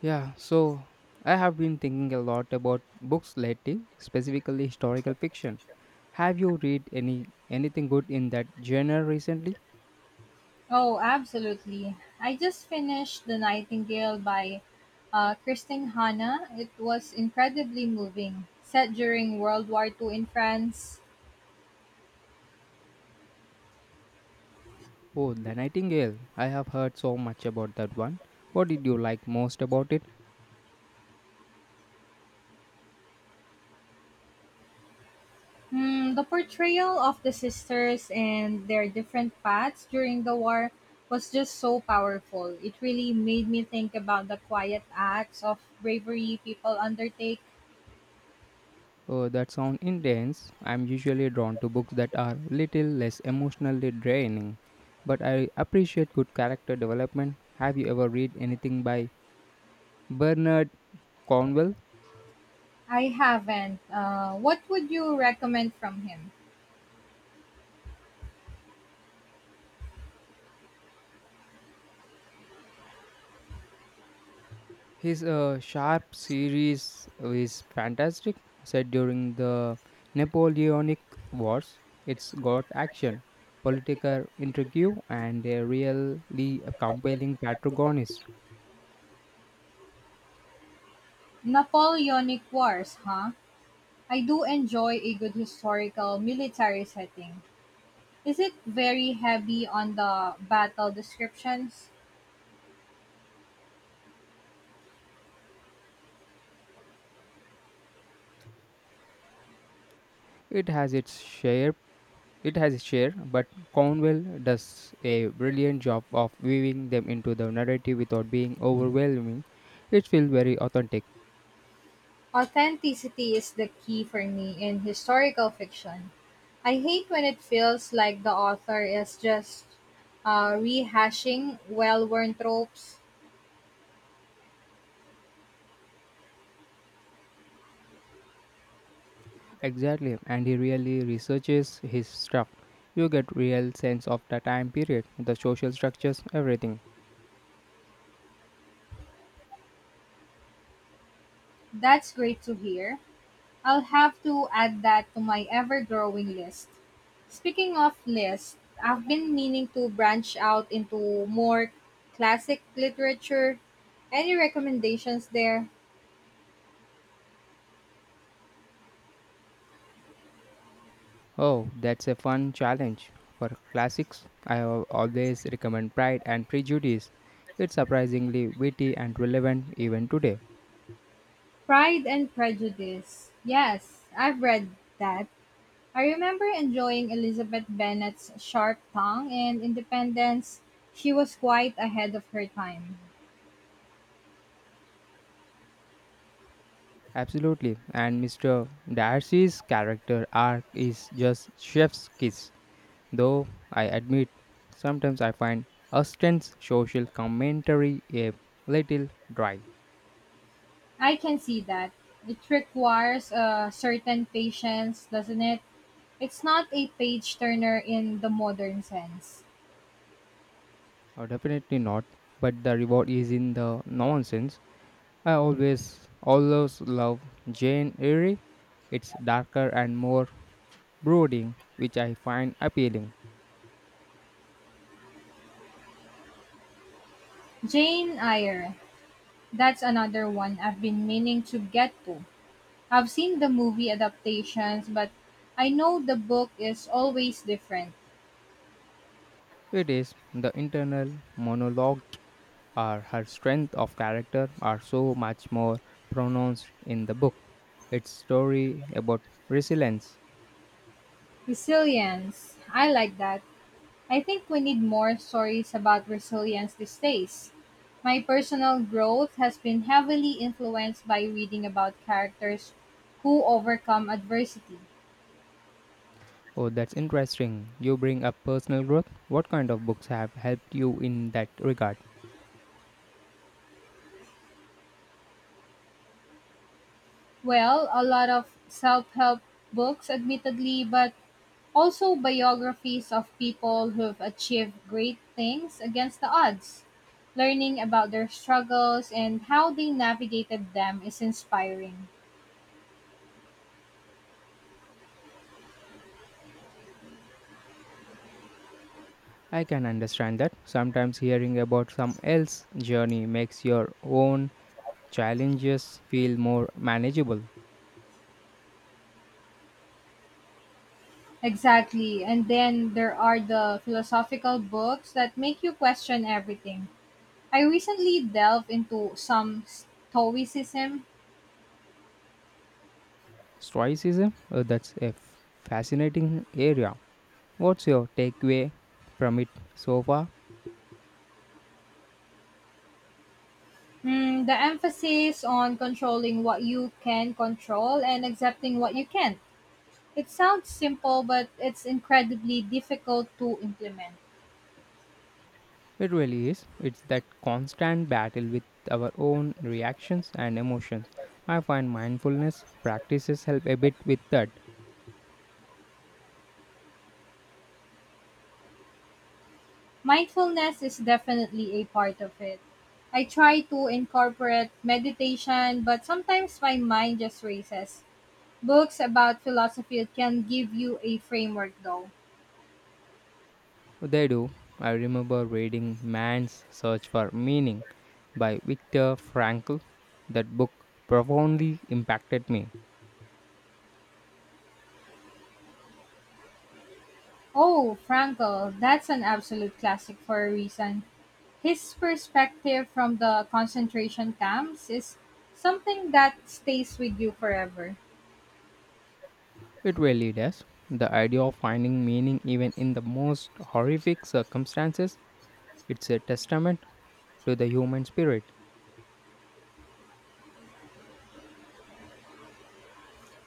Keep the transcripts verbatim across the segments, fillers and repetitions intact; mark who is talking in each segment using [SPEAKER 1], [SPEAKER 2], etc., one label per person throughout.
[SPEAKER 1] Yeah, so I have been thinking a lot about books lately, specifically historical fiction. Have you read any anything good in that genre recently?
[SPEAKER 2] Oh, absolutely. I just finished The Nightingale by uh, Christine Hanna. It was incredibly moving. Set during World War two in France.
[SPEAKER 1] Oh, The Nightingale. I have heard so much about that one. What did you like most about it?
[SPEAKER 2] Hmm, the portrayal of the sisters and their different paths during the war was just so powerful. It really made me think about the quiet acts of bravery people undertake.
[SPEAKER 1] Oh, that sounds intense. I'm usually drawn to books that are little less emotionally draining, but I appreciate good character development. Have you ever read anything by Bernard Cornwell?
[SPEAKER 2] I haven't. Uh, what would you recommend from him?
[SPEAKER 1] His uh, Sharp series is fantastic, set during the Napoleonic Wars. It's got action, political intrigue, and a really compelling protagonist.
[SPEAKER 2] Napoleonic Wars, huh? I do enjoy a good historical military setting. Is it very heavy on the battle descriptions?
[SPEAKER 1] It has its share, it has its share, but Cornwell does a brilliant job of weaving them into the narrative without being overwhelming. It feels very authentic.
[SPEAKER 2] Authenticity is the key for me in historical fiction. I hate when it feels like the author is just uh, rehashing well worn tropes.
[SPEAKER 1] Exactly, and he really researches his stuff. You get real sense of the time period, the social structures, everything.
[SPEAKER 2] That's great to hear. I'll have to add that to my ever growing list. Speaking of lists, I've been meaning to branch out into more classic literature. Any recommendations there?
[SPEAKER 1] Oh, that's a fun challenge. For classics, I al- always recommend Pride and Prejudice. It's surprisingly witty and relevant even today.
[SPEAKER 2] Pride and Prejudice. Yes, I've read that. I remember enjoying Elizabeth Bennet's sharp tongue and independence. She was quite ahead of her time.
[SPEAKER 1] Absolutely, and mister Darcy's character arc is just chef's kiss. Though I admit, sometimes I find Austen's social commentary a little dry.
[SPEAKER 2] I can see that. It requires a certain patience, doesn't it? It's not a page-turner in the modern sense.
[SPEAKER 1] Uh, definitely not. But the reward is in the nonsense. I always, always love Jane Eyre. It's darker and more brooding, which I find appealing.
[SPEAKER 2] Jane Eyre, that's another one I've been meaning to get to. I've seen the movie adaptations, but I know the book is always different.
[SPEAKER 1] It is the internal monologue or her strength of character are so much more pronounced in the book. Its story about resilience.
[SPEAKER 2] Resilience, I like that. I think we need more stories about resilience these days. My personal growth has been heavily influenced by reading about characters who overcome adversity.
[SPEAKER 1] Oh, that's interesting. You bring up personal growth. What kind of books have helped you in that regard?
[SPEAKER 2] Well, a lot of self help books, admittedly, but also biographies of people who've achieved great things against the odds. Learning about their struggles and how they navigated them is inspiring.
[SPEAKER 1] I can understand that sometimes hearing about some else's journey makes your own challenges feel more manageable.
[SPEAKER 2] Exactly. And then there are the philosophical books that make you question everything. I recently delved into some Stoicism.
[SPEAKER 1] Stoicism, uh, that's a f- fascinating area. What's your takeaway from it so far?
[SPEAKER 2] Mm, the emphasis on controlling what you can control and accepting what you can't. It sounds simple, but it's incredibly difficult to implement.
[SPEAKER 1] It really is. It's that constant battle with our own reactions and emotions. I find mindfulness practices help a bit with that.
[SPEAKER 2] Mindfulness is definitely a part of it. I try to incorporate meditation, but sometimes my mind just races. Books about philosophy can give you a framework, though.
[SPEAKER 1] They do. I remember reading Man's Search for Meaning by Viktor Frankl. That book profoundly impacted me.
[SPEAKER 2] Oh, Frankl, that's an absolute classic for a reason. His perspective from the concentration camps is something that stays with you forever.
[SPEAKER 1] It really does. The idea of finding meaning even in the most horrific circumstances, it's a testament to the human spirit.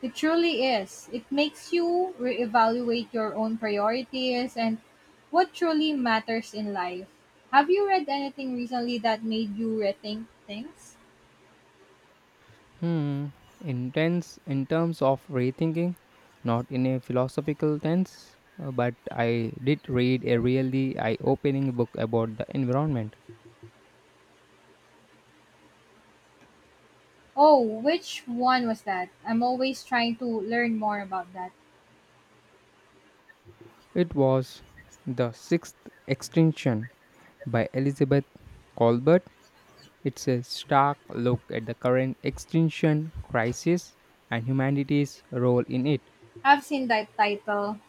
[SPEAKER 2] It truly is. It makes you reevaluate your own priorities and what truly matters in life. Have you read anything recently that made you rethink things?
[SPEAKER 1] Hmm, Intense in terms of rethinking, not in a philosophical sense, uh, but I did read a really eye opening book about the environment.
[SPEAKER 2] Oh, which one was that? I'm always trying to learn more about that.
[SPEAKER 1] It was The Sixth Extinction by Elizabeth Colbert. It's a stark look at the current extinction crisis and humanity's role in it.
[SPEAKER 2] I've seen that title.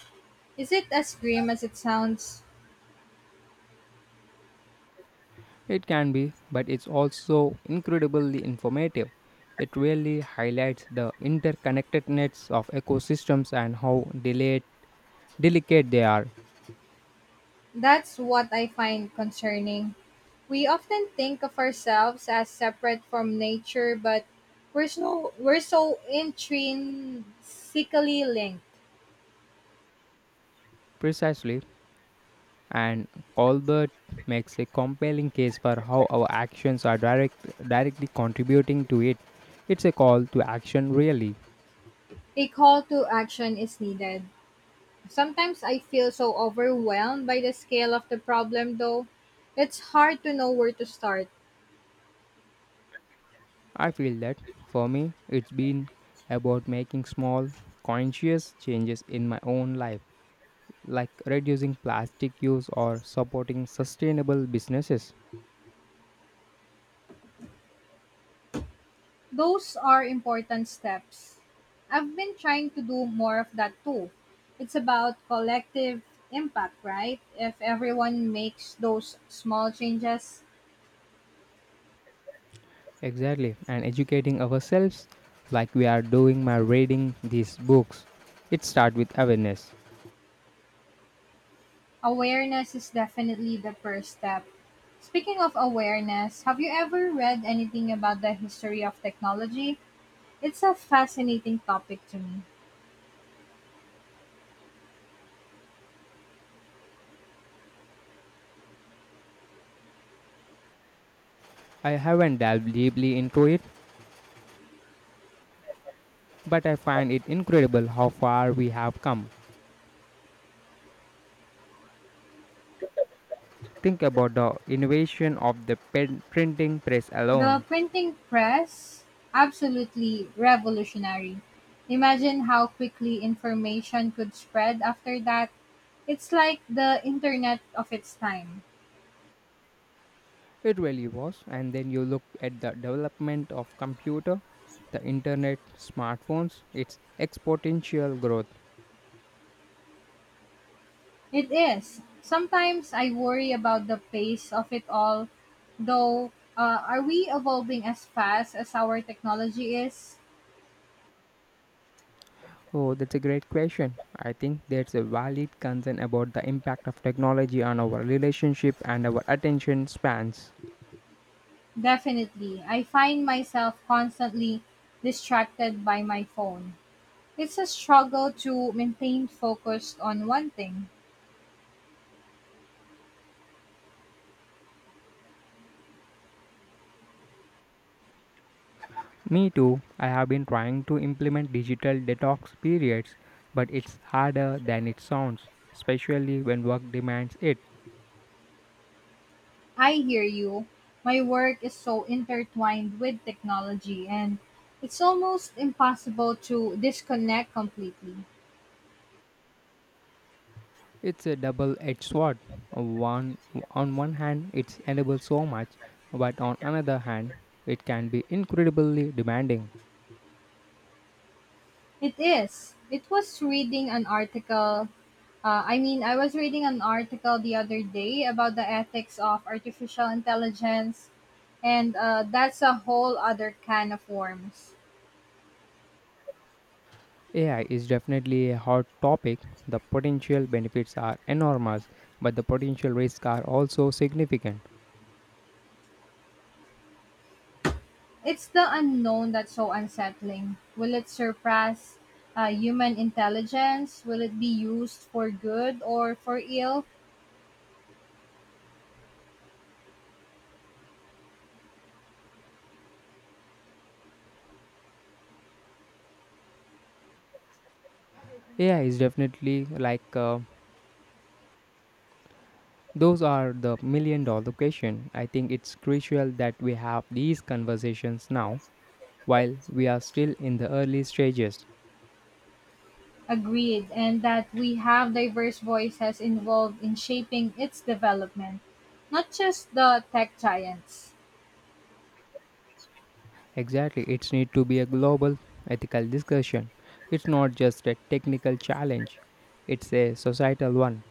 [SPEAKER 2] Is it as grim as it sounds?
[SPEAKER 1] It can be, but it's also incredibly informative. It really highlights the interconnectedness of ecosystems and how delicate, delicate they are.
[SPEAKER 2] That's what I find concerning. We often think of ourselves as separate from nature, but we're so, we're so intrinsically linked.
[SPEAKER 1] Precisely, and Colbert makes a compelling case for how our actions are direct, directly contributing to it. It's a call to action, really.
[SPEAKER 2] A call to action is needed. Sometimes I feel so overwhelmed by the scale of the problem, though. It's hard to know where to start.
[SPEAKER 1] I feel that for me, it's been about making small, conscious changes in my own life like reducing plastic use or supporting sustainable businesses.
[SPEAKER 2] Those are important steps. I've been trying to do more of that too. It's about collective impact, right? If everyone makes those small changes,
[SPEAKER 1] Exactly, and educating ourselves like we are doing by reading these books. It starts with awareness.
[SPEAKER 2] awareness is definitely the first step. Speaking of awareness, have you ever read anything about the history of technology? It's a fascinating topic to me.
[SPEAKER 1] I haven't delved deeply into it, but I find it incredible how far we have come. Think about the innovation of the pen- printing press
[SPEAKER 2] The
[SPEAKER 1] alone.
[SPEAKER 2] printing press, absolutely revolutionary. Imagine how quickly information could spread after that. It's like the internet of its time.
[SPEAKER 1] It really was, and then you look at the development of computer, the internet, smartphones, its exponential growth.
[SPEAKER 2] It is. Sometimes I worry about the pace of it all, though. Uh, are we evolving as fast as our technology is?
[SPEAKER 1] Oh, that's a great question. I think there's a valid concern about the impact of technology on our relationship and our attention spans.
[SPEAKER 2] Definitely. I find myself constantly distracted by my phone. It's a struggle to maintain focus on one thing.
[SPEAKER 1] Me too. I have been trying to implement digital detox periods, but it's harder than it sounds, especially when work demands it.
[SPEAKER 2] I hear you. My work is so intertwined with technology, and it's almost impossible to disconnect completely.
[SPEAKER 1] It's a double-edged sword. One on one hand, it's enables so much, but on another hand, it can be incredibly demanding.
[SPEAKER 2] It is. It was reading an article. Uh, I mean, I was reading an article the other day about the ethics of artificial intelligence, and uh, that's a whole other can of worms.
[SPEAKER 1] A I is definitely a hot topic. The potential benefits are enormous, but the potential risks are also significant.
[SPEAKER 2] It's the unknown that's so unsettling. Will it surpass uh, human intelligence? Will it be used for good or for ill?
[SPEAKER 1] A I is definitely like uh, those are the million dollar question. I think it's crucial that we have these conversations now while we are still in the early stages.
[SPEAKER 2] Agreed, and that we have diverse voices involved in shaping its development, not just the tech giants.
[SPEAKER 1] Exactly, it's need to be a global ethical discussion. It's not just a technical challenge, it's a societal one.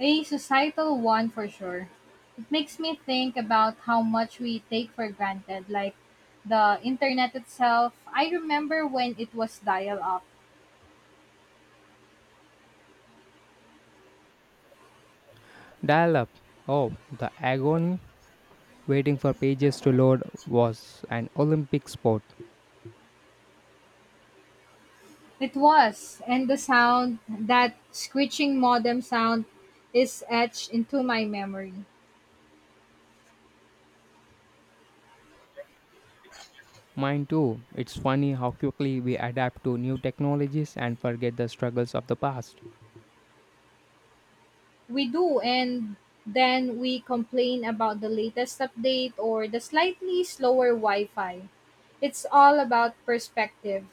[SPEAKER 2] A societal one for sure. It makes me think about how much we take for granted, like the internet itself. I remember when it was dial up.
[SPEAKER 1] Dial up. Oh, the agony waiting for pages to load was an Olympic sport.
[SPEAKER 2] It was, and the sound, that screeching modem sound, is etched into my memory.
[SPEAKER 1] Mine too. It's funny how quickly we adapt to new technologies and forget the struggles of the past.
[SPEAKER 2] We do, and then we complain about the latest update or the slightly slower Wi Fi. It's all about perspective.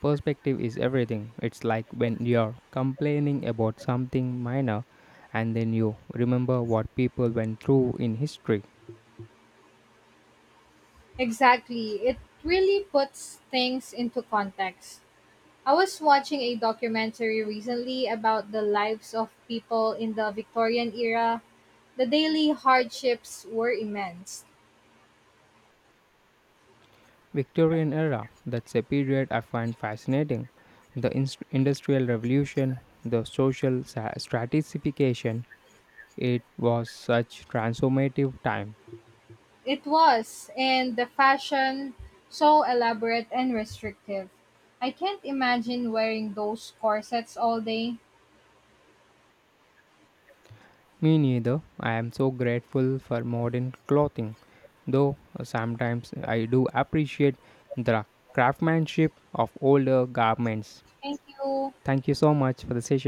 [SPEAKER 1] Perspective is everything. It's like when you're complaining about something minor and then you remember what people went through in history.
[SPEAKER 2] Exactly. It really puts things into context. I was watching a documentary recently about the lives of people in the Victorian era. The daily hardships were immense.
[SPEAKER 1] Victorian era, that's a period I find fascinating. The ins- industrial revolution, the social sa- stratification, it was such transformative time.
[SPEAKER 2] It was, and the fashion so elaborate and restrictive. I can't imagine wearing those corsets all day.
[SPEAKER 1] Me neither. I am so grateful for modern clothing, though uh, sometimes I do appreciate the craftsmanship of older garments.
[SPEAKER 2] Thank you.
[SPEAKER 1] Thank you so much for the session.